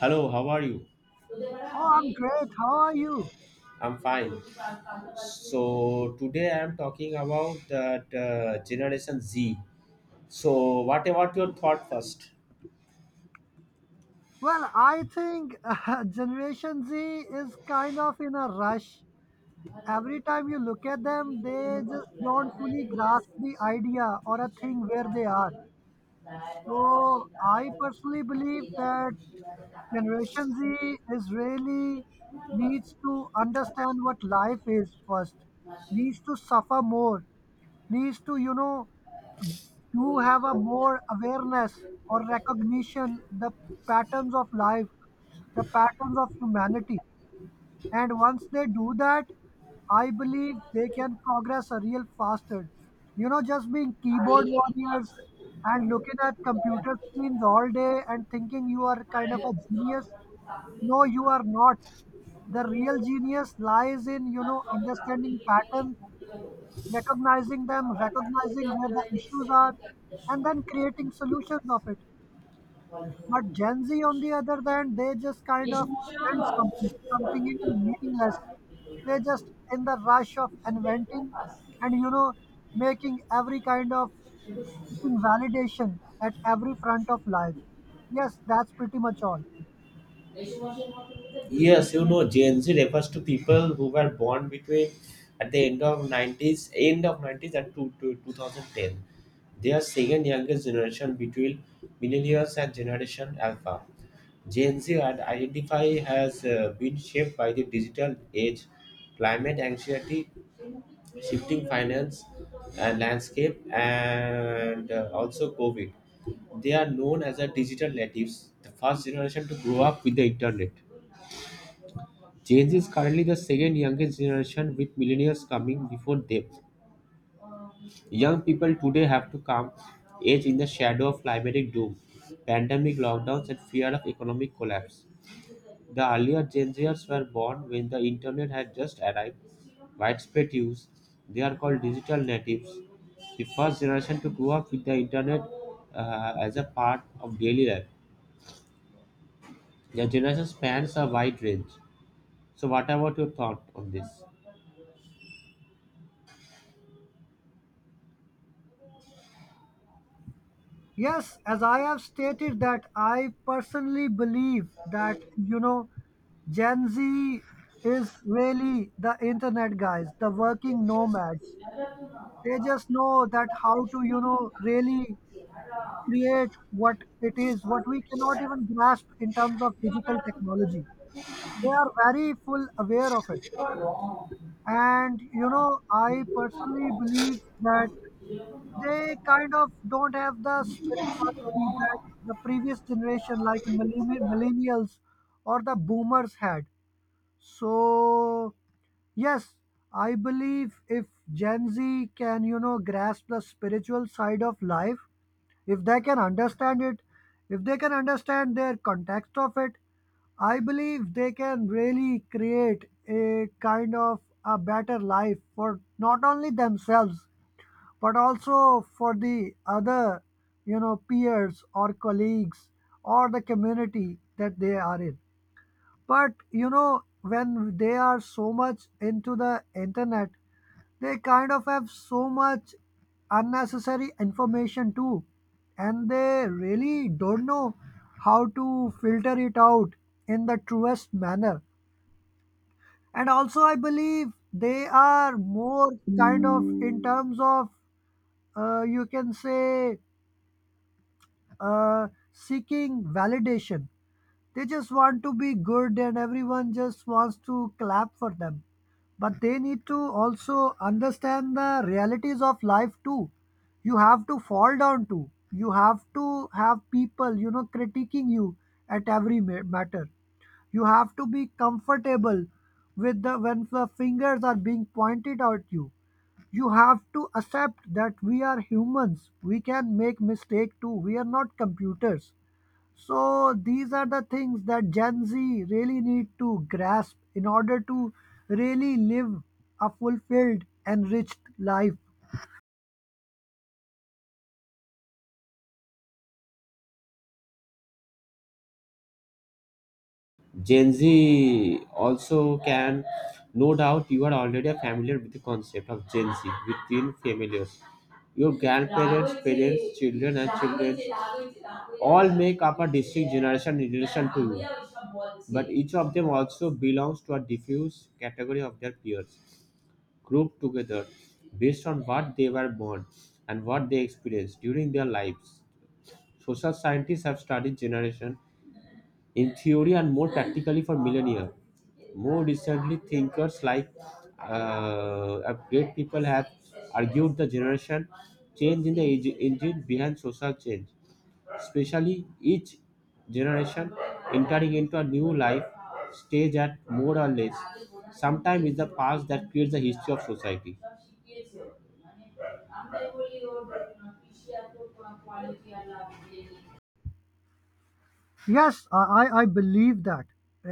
Hello, how are you? Oh, I'm great. How are you? I'm fine. So today I am talking about that Generation Z. So what about your thought first? Well, I think Generation Z is kind of in a rush. Every time you look at them, they just don't fully grasp the idea or a thing where they are. So, I personally believe that Generation Z is really needs to understand what life is first, needs to suffer more, needs to, you know, to have a more awareness or recognition the patterns of life, the patterns of humanity. And once they do that, I believe they can progress a real faster. You know, just being keyboard warriors and looking at computer screens all day and thinking you are kind of a genius. No, you are not. The real genius lies in, you know, understanding patterns, recognizing them, recognizing where the issues are, and then creating solutions of it. But Gen Z, on the other hand, they just kind of invent something, something even meaningless. They're just in the rush of inventing and, you know, making every kind of seeking validation at every front of life. Yes, that's pretty much all. Yes, you know Gen Z refers to people who were born between at the end of 90s, end of 90s and to 2010. They are second youngest generation between millennials and Generation Alpha. Gen Z identify has been shaped by the digital age, climate anxiety, shifting finance landscape, and also COVID. They are known as the digital natives, the first generation to grow up with the internet. Gen Z is currently the second youngest generation, with millennials coming before them. Young people today have to come age in the shadow of climatic doom, pandemic lockdowns, and fear of economic collapse. The earlier Gen Zers were born when the internet had just arrived widespread use. They are called digital natives, the first generation to grow up with the internet as a part of daily life. Their generation spans a wide range. So, what about your thought on this? Yes, as I have stated that I personally believe that, you know, Gen Z is really the internet guys, the working nomads. They just know that how to, you know, really create what it is what we cannot even grasp in terms of digital technology. They are very full aware of it, and you know I personally believe that they kind of don't have the spirituality that the previous generation like millennials or the boomers had. So yes, I believe if Gen Z can, you know, grasp the spiritual side of life, if they can understand it, if they can understand their context of it, I believe they can really create a kind of a better life for not only themselves but also for the other, you know, peers or colleagues or the community that they are in. But you know, when they are so much into the internet, they kind of have so much unnecessary information too, and they really don't know how to filter it out in the truest manner. And also, I believe they are more kind of in terms of, you can say, seeking validation. They just want to be good, and everyone just wants to clap for them, but they need to also understand the realities of life too. You have to fall down too, you have to have people, you know, critiquing you at every matter. You have to be comfortable with the when the fingers are being pointed at you. You have to accept that we are humans, we can make mistake too, we are not computers. So these are the things that Gen Z really need to grasp in order to really live a fulfilled, enriched life. Gen Z also can, no doubt, you are already familiar with the concept of Gen Z within familiars. Your grandparents, parents, children, and children all make up a distinct generation in relation to you, but each of them also belongs to a diffuse category of their peers, grouped together based on what they were born and what they experienced during their lives. Social scientists have studied generation in theory and more practically for millennia. More recently, thinkers like great people have argued the generation change in the engine behind social change, especially each generation entering into a new life stage at more or less. Sometimes it's the past that creates the history of society. Yes, I believe that.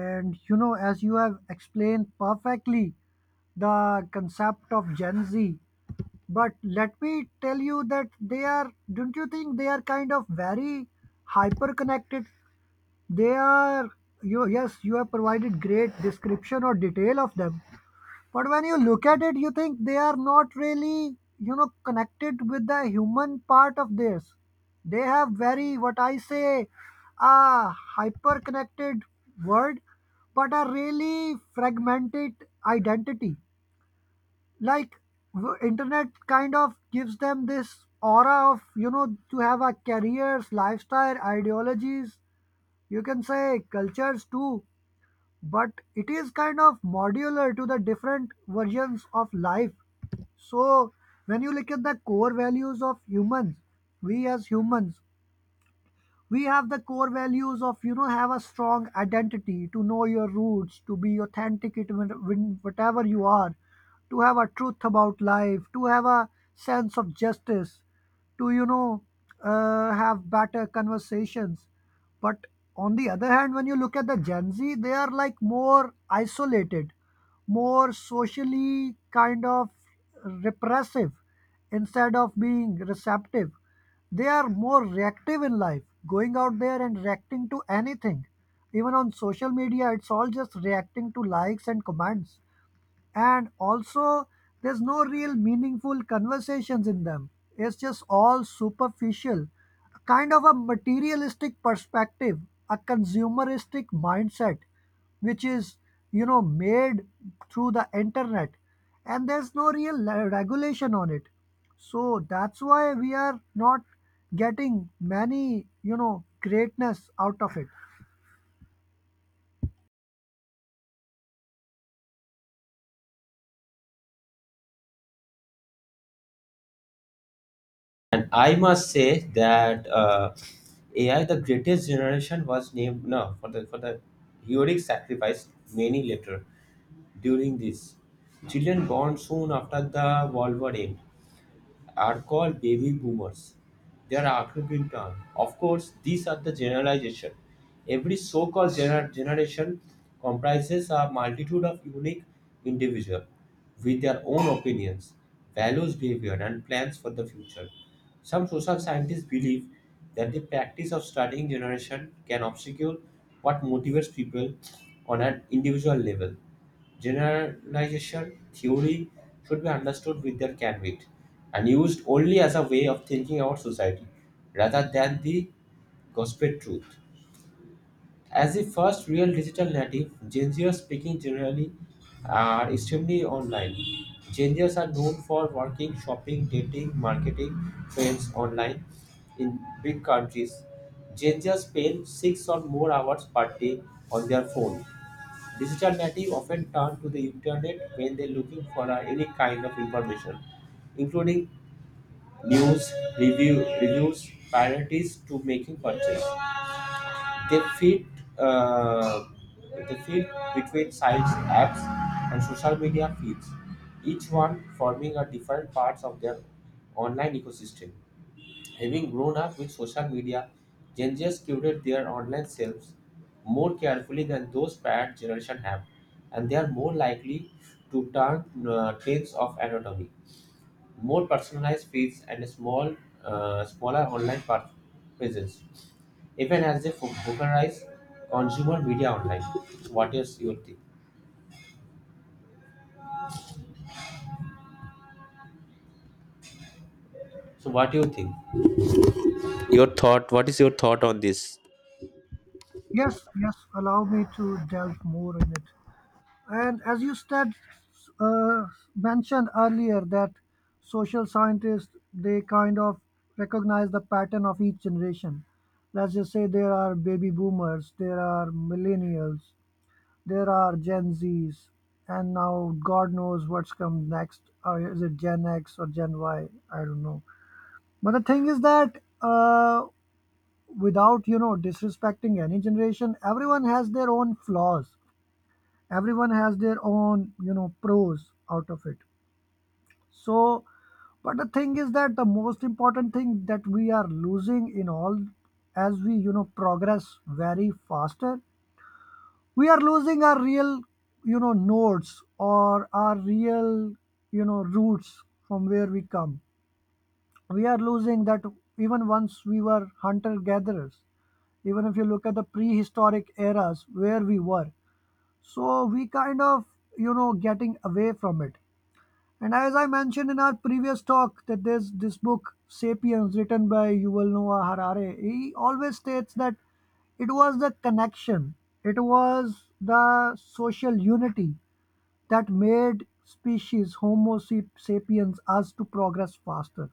And you know, as you have explained perfectly the concept of Gen Z, but let me tell you that they are, don't you think they are kind of very hyper connected? They are, you, yes, you have provided great description or detail of them. But when you look at it, you think they are not really, you know, connected with the human part of this. They have very, what I say, a hyper connected world, but a really fragmented identity. Like, internet kind of gives them this aura of, you know, to have a careers, lifestyle, ideologies, you can say cultures too, but it is kind of modular to the different versions of life. So when you look at the core values of humans, we as humans, we have the core values of, you know, have a strong identity, to know your roots, to be authentic it when whatever you are, to have a truth about life, to have a sense of justice, to, you know, have better conversations. But on the other hand, when you look at the Gen Z, they are like more isolated, more socially kind of repressive instead of being receptive. They are more reactive in life, going out there and reacting to anything. Even on social media, it's all just reacting to likes and comments. And also there's no real meaningful conversations in them, it's just all superficial, a kind of a materialistic perspective, a consumeristic mindset, which is, you know, made through the internet, and there's no real regulation on it. So that's why we are not getting many, you know, greatness out of it. And I must say that AI, the greatest generation, was named now for the heroic sacrifice many later during this. Children born soon after the World War end are called baby boomers. They are archaic term. Of course, these are the generalization. Every so-called generation comprises a multitude of unique individuals with their own opinions, values, behavior, and plans for the future. Some social scientists believe that the practice of studying generation can obscure what motivates people on an individual level. Generalization theory should be understood with their caveat and used only as a way of thinking about society rather than the gospel truth. As the first real digital native, Gen Zers speaking generally are extremely online. Gen Zers are known for working, shopping, dating, marketing, trends online in big countries. Gen Zers spend 6 or more hours per day on their phone. Digital natives often turn to the internet when they're looking for any kind of information, including news, reviews, priorities to making purchase. They fit uh, they fit between sites, apps, and social media feeds, each one forming a different parts of their online ecosystem. Having grown up with social media, Gen Zers curate their online selves more carefully than those prior generation have, and they are more likely to turn trends of anatomy, more personalized feeds, and a smaller online presence, even as they popularize consumer media online. What is your thing? So, what do you think? Your thought, what is your thought on this? Yes, yes, allow me to delve more in it. And as you said, uh, mentioned earlier that social scientists they kind of recognize the pattern of each generation. Let's just say there are baby boomers, there are millennials, there are Gen Zs, and now God knows what's come next. Or is it Gen X or Gen Y? I don't know. But the thing is that, without, you know, disrespecting any generation, everyone has their own flaws, everyone has their own, you know, pros out of it. So but the thing is that the most important thing that we are losing in all, as we, you know, progress very faster, we are losing our real, you know, nodes or our real, you know, roots, from where we come. We are losing that. Even once we were hunter gatherers, even if you look at the prehistoric eras where we were, so we kind of, you know, getting away from it. And as I mentioned in our previous talk, that there's this book, Sapiens, written by Yuval Noah Harare. He always states that it was the connection, it was the social unity that made species, Homo sapiens, us to progress faster.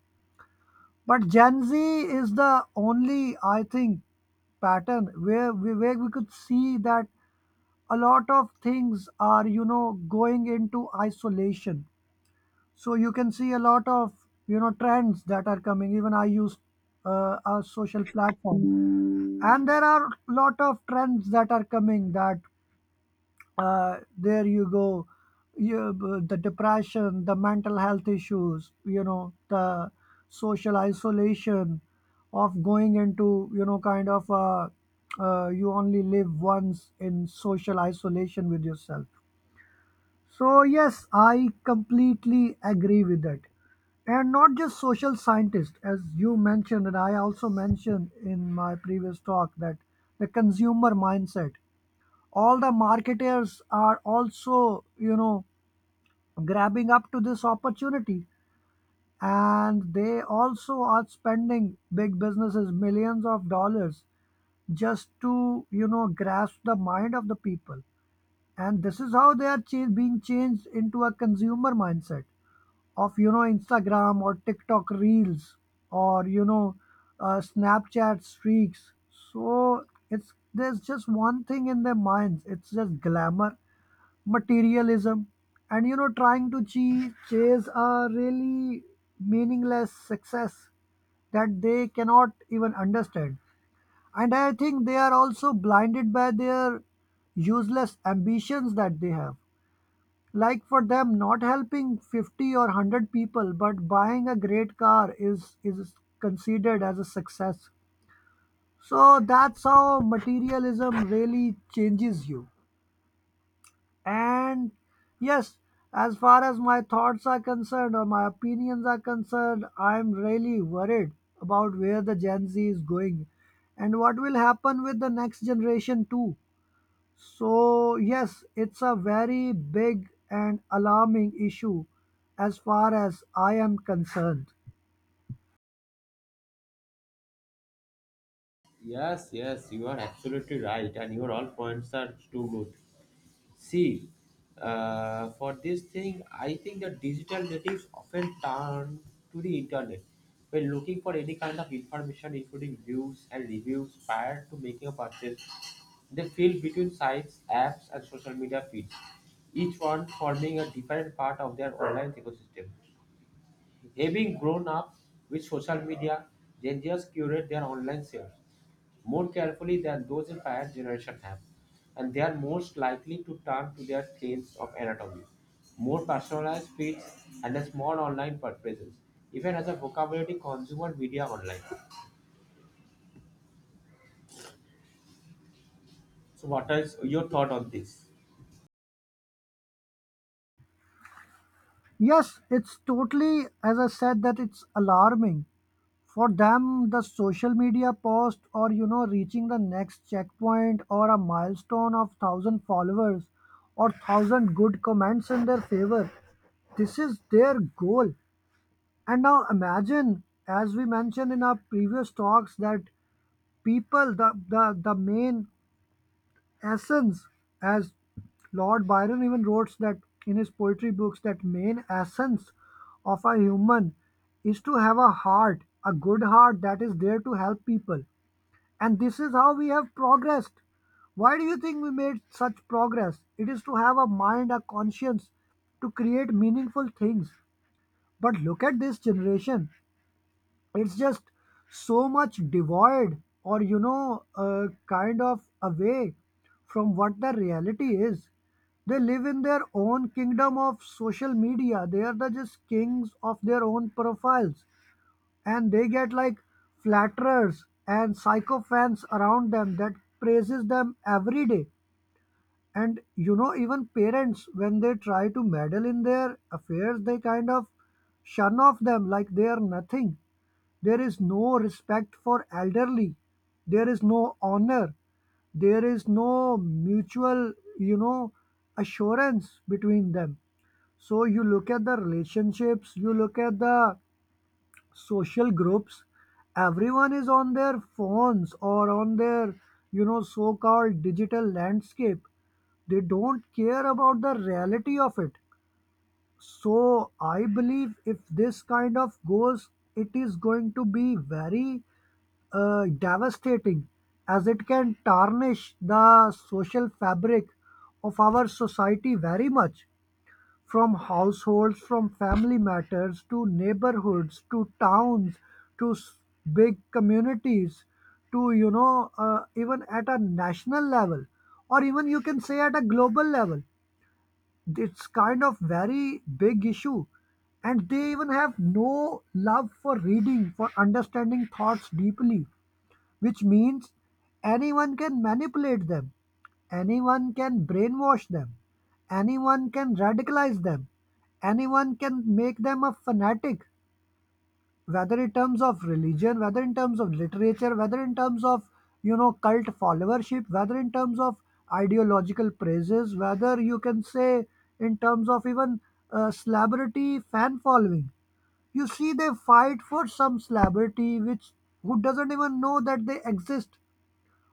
But Gen Z is the only, I think, pattern where we could see that a lot of things are, you know, going into isolation. So you can see a lot of, you know, trends that are coming. Even I use a social platform, and there are a lot of trends that are coming that, there you go, you, the depression, the mental health issues, you know, the social isolation of going into, you know, kind of, you only live once in social isolation with yourself. So, yes, I completely agree with that. And not just social scientists, as you mentioned, and I also mentioned in my previous talk that the consumer mindset, all the marketers are also, you know, grabbing up to this opportunity. And they also are spending big businesses millions of dollars just to, you know, grasp the mind of the people. And this is how they are being changed into a consumer mindset of, you know, Instagram or TikTok reels, or you know, Snapchat streaks. So it's there's just one thing in their minds, it's just glamour, materialism, and you know, trying to chase a really meaningless success that they cannot even understand. And I think they are also blinded by their useless ambitions that they have. Like for them, not helping 50 or 100 people, but buying a great car is considered as a success. So that's how materialism really changes you. And yes, as far as my thoughts are concerned or my opinions are concerned, I'm really worried about where the Gen Z is going and what will happen with the next generation too. So, yes, it's a very big and alarming issue as far as I am concerned. Yes, yes, you are absolutely right, and your all points are too good. See, for this thing, I think that digital natives often turn to the internet when looking for any kind of information, including news and reviews, prior to making a purchase. They feel between sites, apps, and social media feeds, each one forming a different part of their online ecosystem. Having grown up with social media, Gen Zers curate their online shares more carefully than those in prior generation have, and they are most likely to turn to their claims of anatomy, more personalized feeds, and a small online purchases, even as a vocabulary consumer media online. So, what is your thought on this? Yes, it's totally, as I said, that it's alarming. For them, the social media post or, you know, reaching the next checkpoint or a milestone of 1,000 followers or 1,000 good comments in their favor, this is their goal. And now imagine, as we mentioned in our previous talks, that people, the main essence, as Lord Byron even wrote that in his poetry books, that main essence of a human is to have a heart, a good heart that is there to help people. And this is how we have progressed. Why do you think we made such progress? It is to have a mind, a conscience, to create meaningful things. But look at this generation, it's just so much devoid or you know, kind of away from what the reality is. They live in their own kingdom of social media, they are the just kings of their own profiles, and they get like flatterers and psychophants around them that praises them every day. And you know, even parents when they try to meddle in their affairs, they kind of shun off them like they are nothing. There is no respect for elderly. There is no honor. There is no mutual, you know, assurance between them. So you look at the relationships, you look at the social groups. Everyone is on their phones or on their, you know, so called digital landscape. They don't care about the reality of it. So I believe if this kind of goes, it is going to be very devastating, as it can tarnish the social fabric of our society very much, from households, from family matters, to neighborhoods, to towns, to big communities, to you know even at a national level, or even you can say at a global level. It's kind of very big issue. And they even have no love for reading, for understanding thoughts deeply, which means anyone can manipulate them, anyone can brainwash them, anyone can radicalize them, anyone can make them a fanatic, whether in terms of religion, whether in terms of literature, whether in terms of you know cult followership, whether in terms of ideological praises, whether you can say in terms of even celebrity fan following. You see, they fight for some celebrity which, who doesn't even know that they exist.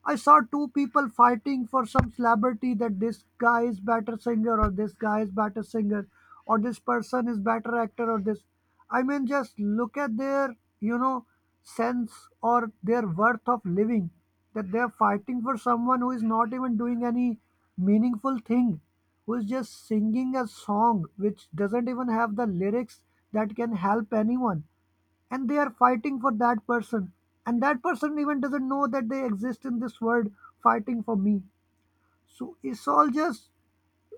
I saw two people fighting for some celebrity, that this guy is better singer or this guy is better singer, or this person is better actor or this. I mean, just look at their, you know, sense or their worth of living, that they're fighting for someone who is not even doing any meaningful thing, who is just singing a song which doesn't even have the lyrics that can help anyone, and they are fighting for that person, and that person even doesn't know that they exist in this world, fighting for me. So it's all just,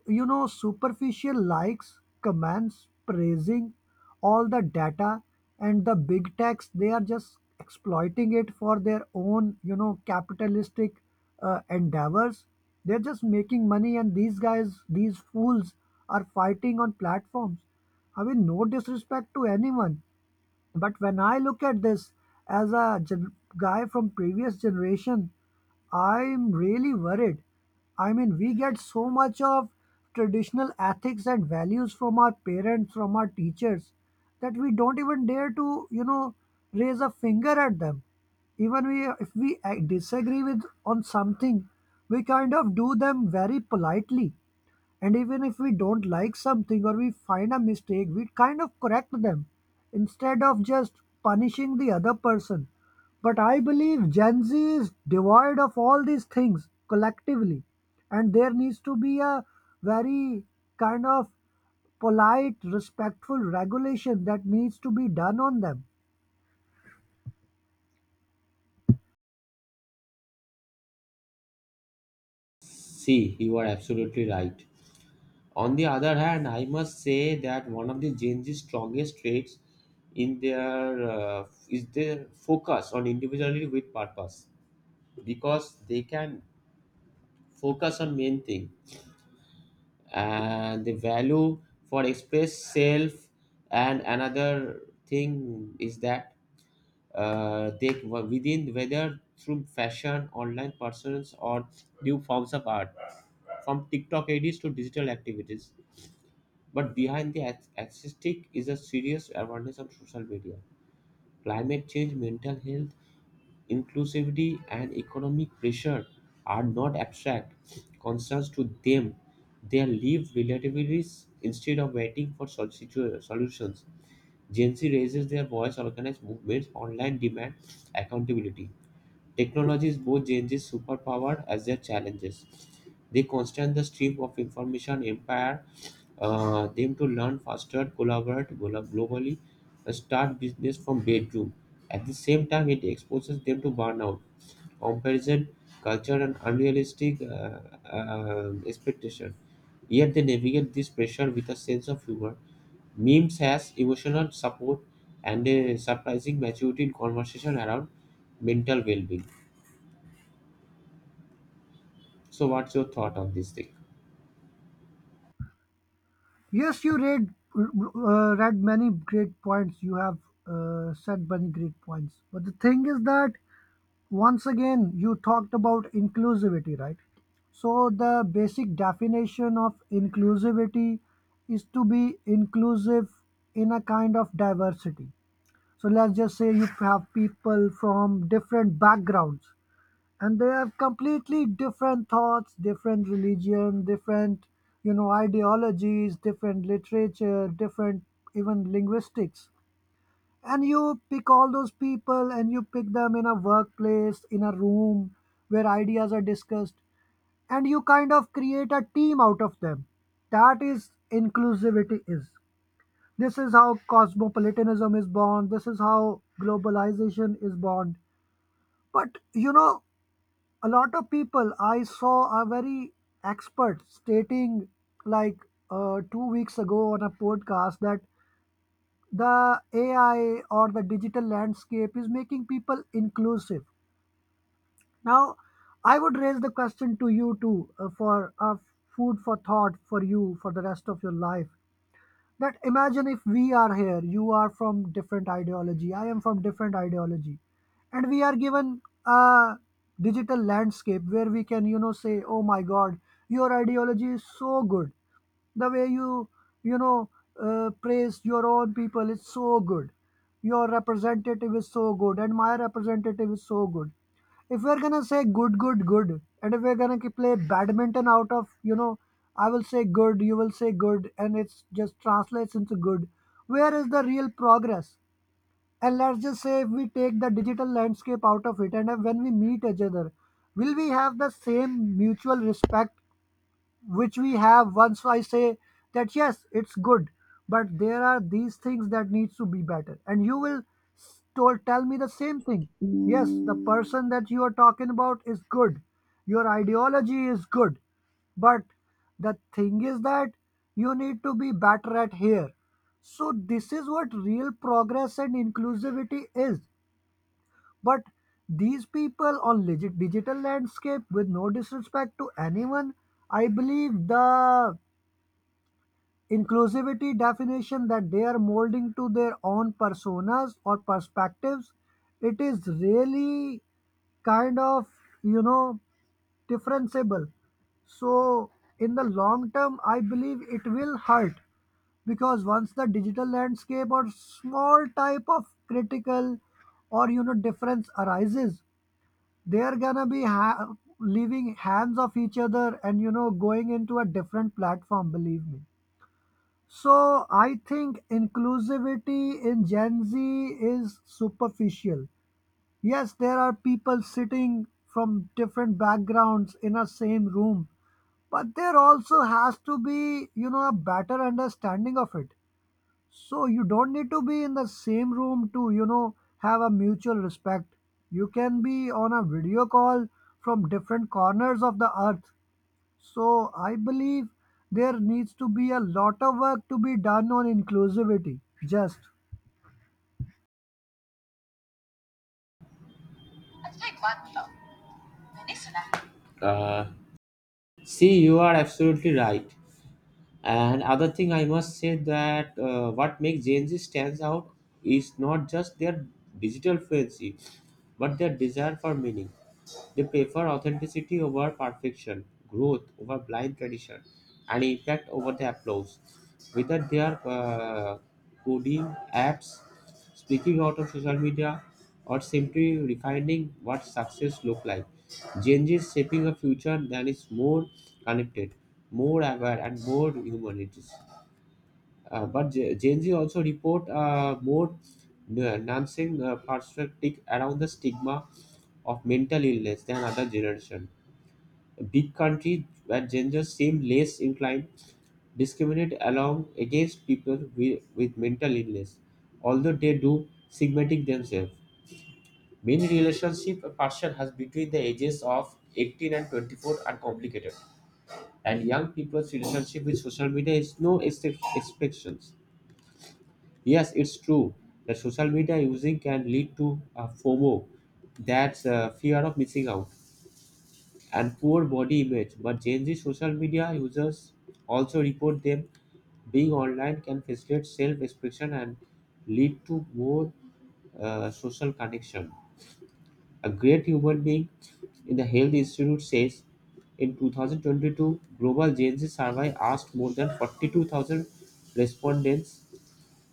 you know, superficial likes, comments, praising, all the data. And the big techs, they are just exploiting it for their own, you know, capitalistic endeavors. They're just making money, and these guys, these fools, are fighting on platforms. I mean, no disrespect to anyone, but when I look at this as a guy from previous generation, I'm really worried. I mean, we get so much of traditional ethics and values from our parents, from our teachers, that we don't even dare to, you know, raise a finger at them. Even we, if we disagree with on something, we kind of do them very politely. And even if we don't like something or we find a mistake, we kind of correct them instead of just punishing the other person. But I believe Gen Z is devoid of all these things collectively. And there needs to be a very kind of polite, respectful regulation that needs to be done on them. See, you are absolutely right. On the other hand, I must say that one of the Gen Z's strongest traits in their is their focus on individuality with purpose, because they can focus on main thing and the value for express self. And another thing is that they were within whether through fashion online persons or new forms of art, from TikTok ads to digital activities. But behind the aesthetic is a serious awareness on social media, climate change, mental health, inclusivity, and economic pressure are not abstract concerns to them. They live relativities instead of waiting for solutions. Gen Z raises their voice, organize movements online, demand accountability. Technology is both Gen Z's superpower as their challenges. They constant the stream of information empire them to learn faster, collaborate globally, and start business from bedroom. At the same time, it exposes them to burnout, comparison, culture, and unrealistic expectation. Yet they navigate this pressure with a sense of humor. Memes has emotional support and a surprising maturity in conversation around mental well-being. So, what's your thought on this thing? Yes, you read read many great points. You have said many great points. But the thing is that once again you talked about inclusivity, right? So the basic definition of inclusivity is to be inclusive in a kind of diversity. So let's just say you have people from different backgrounds and they have completely different thoughts, different religion, different, you know, ideologies, different literature, different even linguistics, and you pick all those people and you pick them in a workplace, in a room where ideas are discussed, and you kind of create a team out of them. That is inclusivity is, this is how cosmopolitanism is born, this is how globalization is born. But you know, a lot of people I saw are very expert stating, like, 2 weeks ago on a podcast, that the AI or the digital landscape is making people inclusive. Now, I would raise the question to you too for food for thought for you for the rest of your life, that imagine if we are here, you are from different ideology, I am from different ideology, and we are given a digital landscape where we can, you know, say, oh my god, your ideology is so good, the way you, you know, praise your own people is so good, your representative is so good and my representative is so good. If we're gonna say good, good, good, and if we're gonna play badminton out of, you know, I will say good, you will say good, and it's just translates into good, where is the real progress? And let's just say if we take the digital landscape out of it, and if when we meet each other, will we have the same mutual respect, which we have once I say that yes, it's good, but there are these things that needs to be better, and you will s- told tell me the same thing, yes, the person that you are talking about is good, your ideology is good, but the thing is that you need to be better at here. So this is what real progress and inclusivity is. But these people on legit digital landscape, with no disrespect to anyone, I believe the inclusivity definition that they are molding to their own personas or perspectives, it is really kind of, you know, differentiable. So in the long term, I believe it will hurt, because once the digital landscape or small type of critical or, you know, difference arises, they're gonna be leaving hands of each other and, you know, going into a different platform, believe me. So I think inclusivity in Gen Z is superficial. Yes, there are people sitting from different backgrounds in a same room, but there also has to be, you know, a better understanding of it. So you don't need to be in the same room to, you know, have a mutual respect. You can be on a video call from different corners of the earth. So I believe there needs to be a lot of work to be done on inclusivity. Just. Uh, See, you are absolutely right. And other thing I must say that what makes Gen Z stands out is not just their digital fluency, but their desire for meaning. They prefer authenticity over perfection, growth over blind tradition, and impact over the applause. Whether they are coding apps, speaking out of social media, or simply refining what success look like, Gen Z is shaping a future that is more connected, more aware, and more humanities. But Gen Z also report more nuancing perspective around the stigma of mental illness than other generation. Big countries where genders seem less inclined discriminate along against people with mental illness, although they do stigmatize themselves. Many relationships a person has between the ages of 18 and 24 are complicated, and young people's relationship with social media is no exceptions. Yes, it's true that social media using can lead to a FOMO, that's fear of missing out and poor body image, but Gen Z social media users also report them being online can facilitate self expression and lead to more social connection. A great human being in the Health Institute says in 2022, global Gen Z survey asked more than 42,000 respondents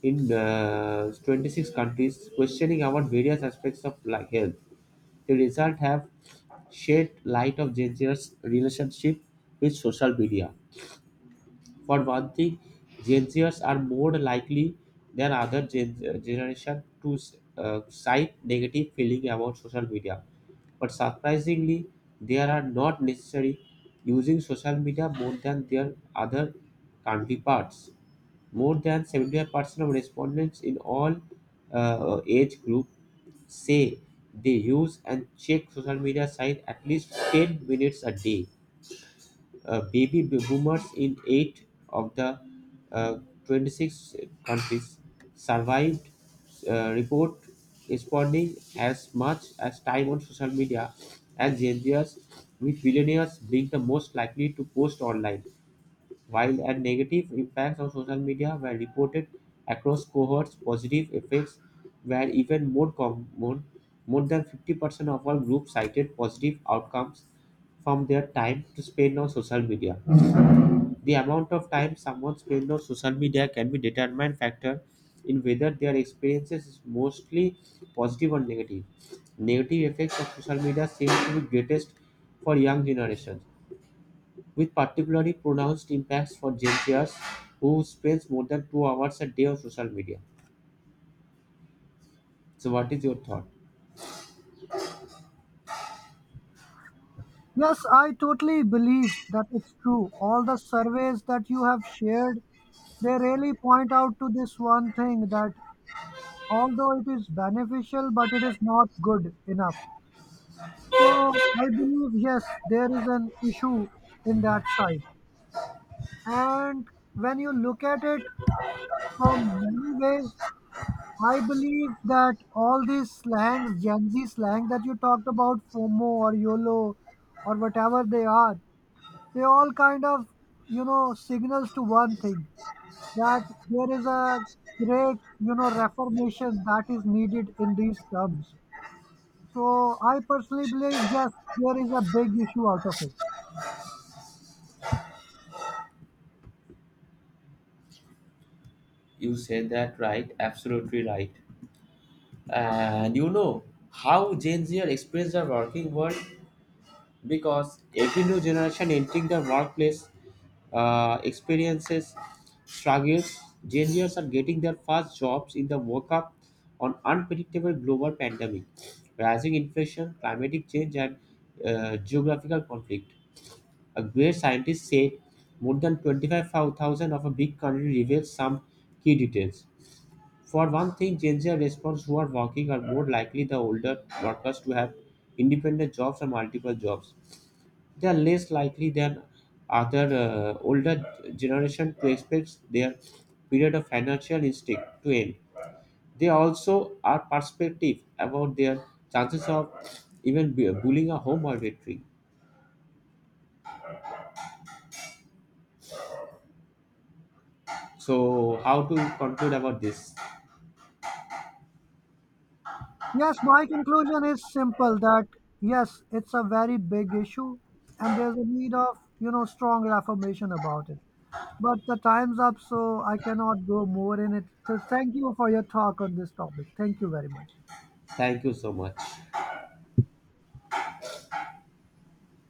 in 26 countries questioning about various aspects of like health. The result have shed light of Gen Zers' relationship with social media. For one thing, Gen Zers are more likely than other generation to cite negative feeling about social media. But surprisingly, they are not necessarily using social media more than their other counterparts. More than 75% of respondents in all age groups say they use and check social media site at least 10 minutes a day. Baby boomers in 8 of the uh, 26 countries survived report responding as much as time on social media as Gen Zers, with billionaires being the most likely to post online. While a negative impacts of social media were reported across cohorts, positive effects were even more common. More than 50% of all groups cited positive outcomes from their time to spend on social media. The amount of time someone spends on social media can be determined factor in whether their experiences is mostly positive or negative. Negative effects of social media seem to be greatest for young generations, with particularly pronounced impacts for Gen Zers who spends more than 2 hours a day on social media. So what is your thought? Yes, I totally believe that it's true. All the surveys that you have shared, they really point out to this one thing, that although it is beneficial, but it is not good enough. So I believe yes, there is an issue in that side. And when you look at it from many ways, I believe that all these slangs, Gen Z slang that you talked about, FOMO or YOLO or whatever they are, they all kind of, you know, signals to one thing, that there is a great, you know, reformation that is needed in these terms. So I personally believe yes, there is a big issue out of it. You said that right, absolutely right. And you know how Gen Z experience the working world, because every new generation entering the workplace experiences struggles. Gen Zers are getting their first jobs in the wake up on unpredictable global pandemic, rising inflation, climatic change, and geographical conflict. A great scientist said more than 25,000 of a big country reveals some key details. For one thing, Gen Z respondents who are working are more likely the older workers to have independent jobs or multiple jobs. They are less likely than other older generation to expect their period of financial instinct to end. They also are perspective about their chances of even bullying a home or victory. So, how to conclude about this? Yes, my conclusion is simple, that yes, it's a very big issue and there's a need of, you know, strong affirmation about it. But the time's up, so I cannot go more in it. So thank you for your talk on this topic. Thank you very much. Thank you so much.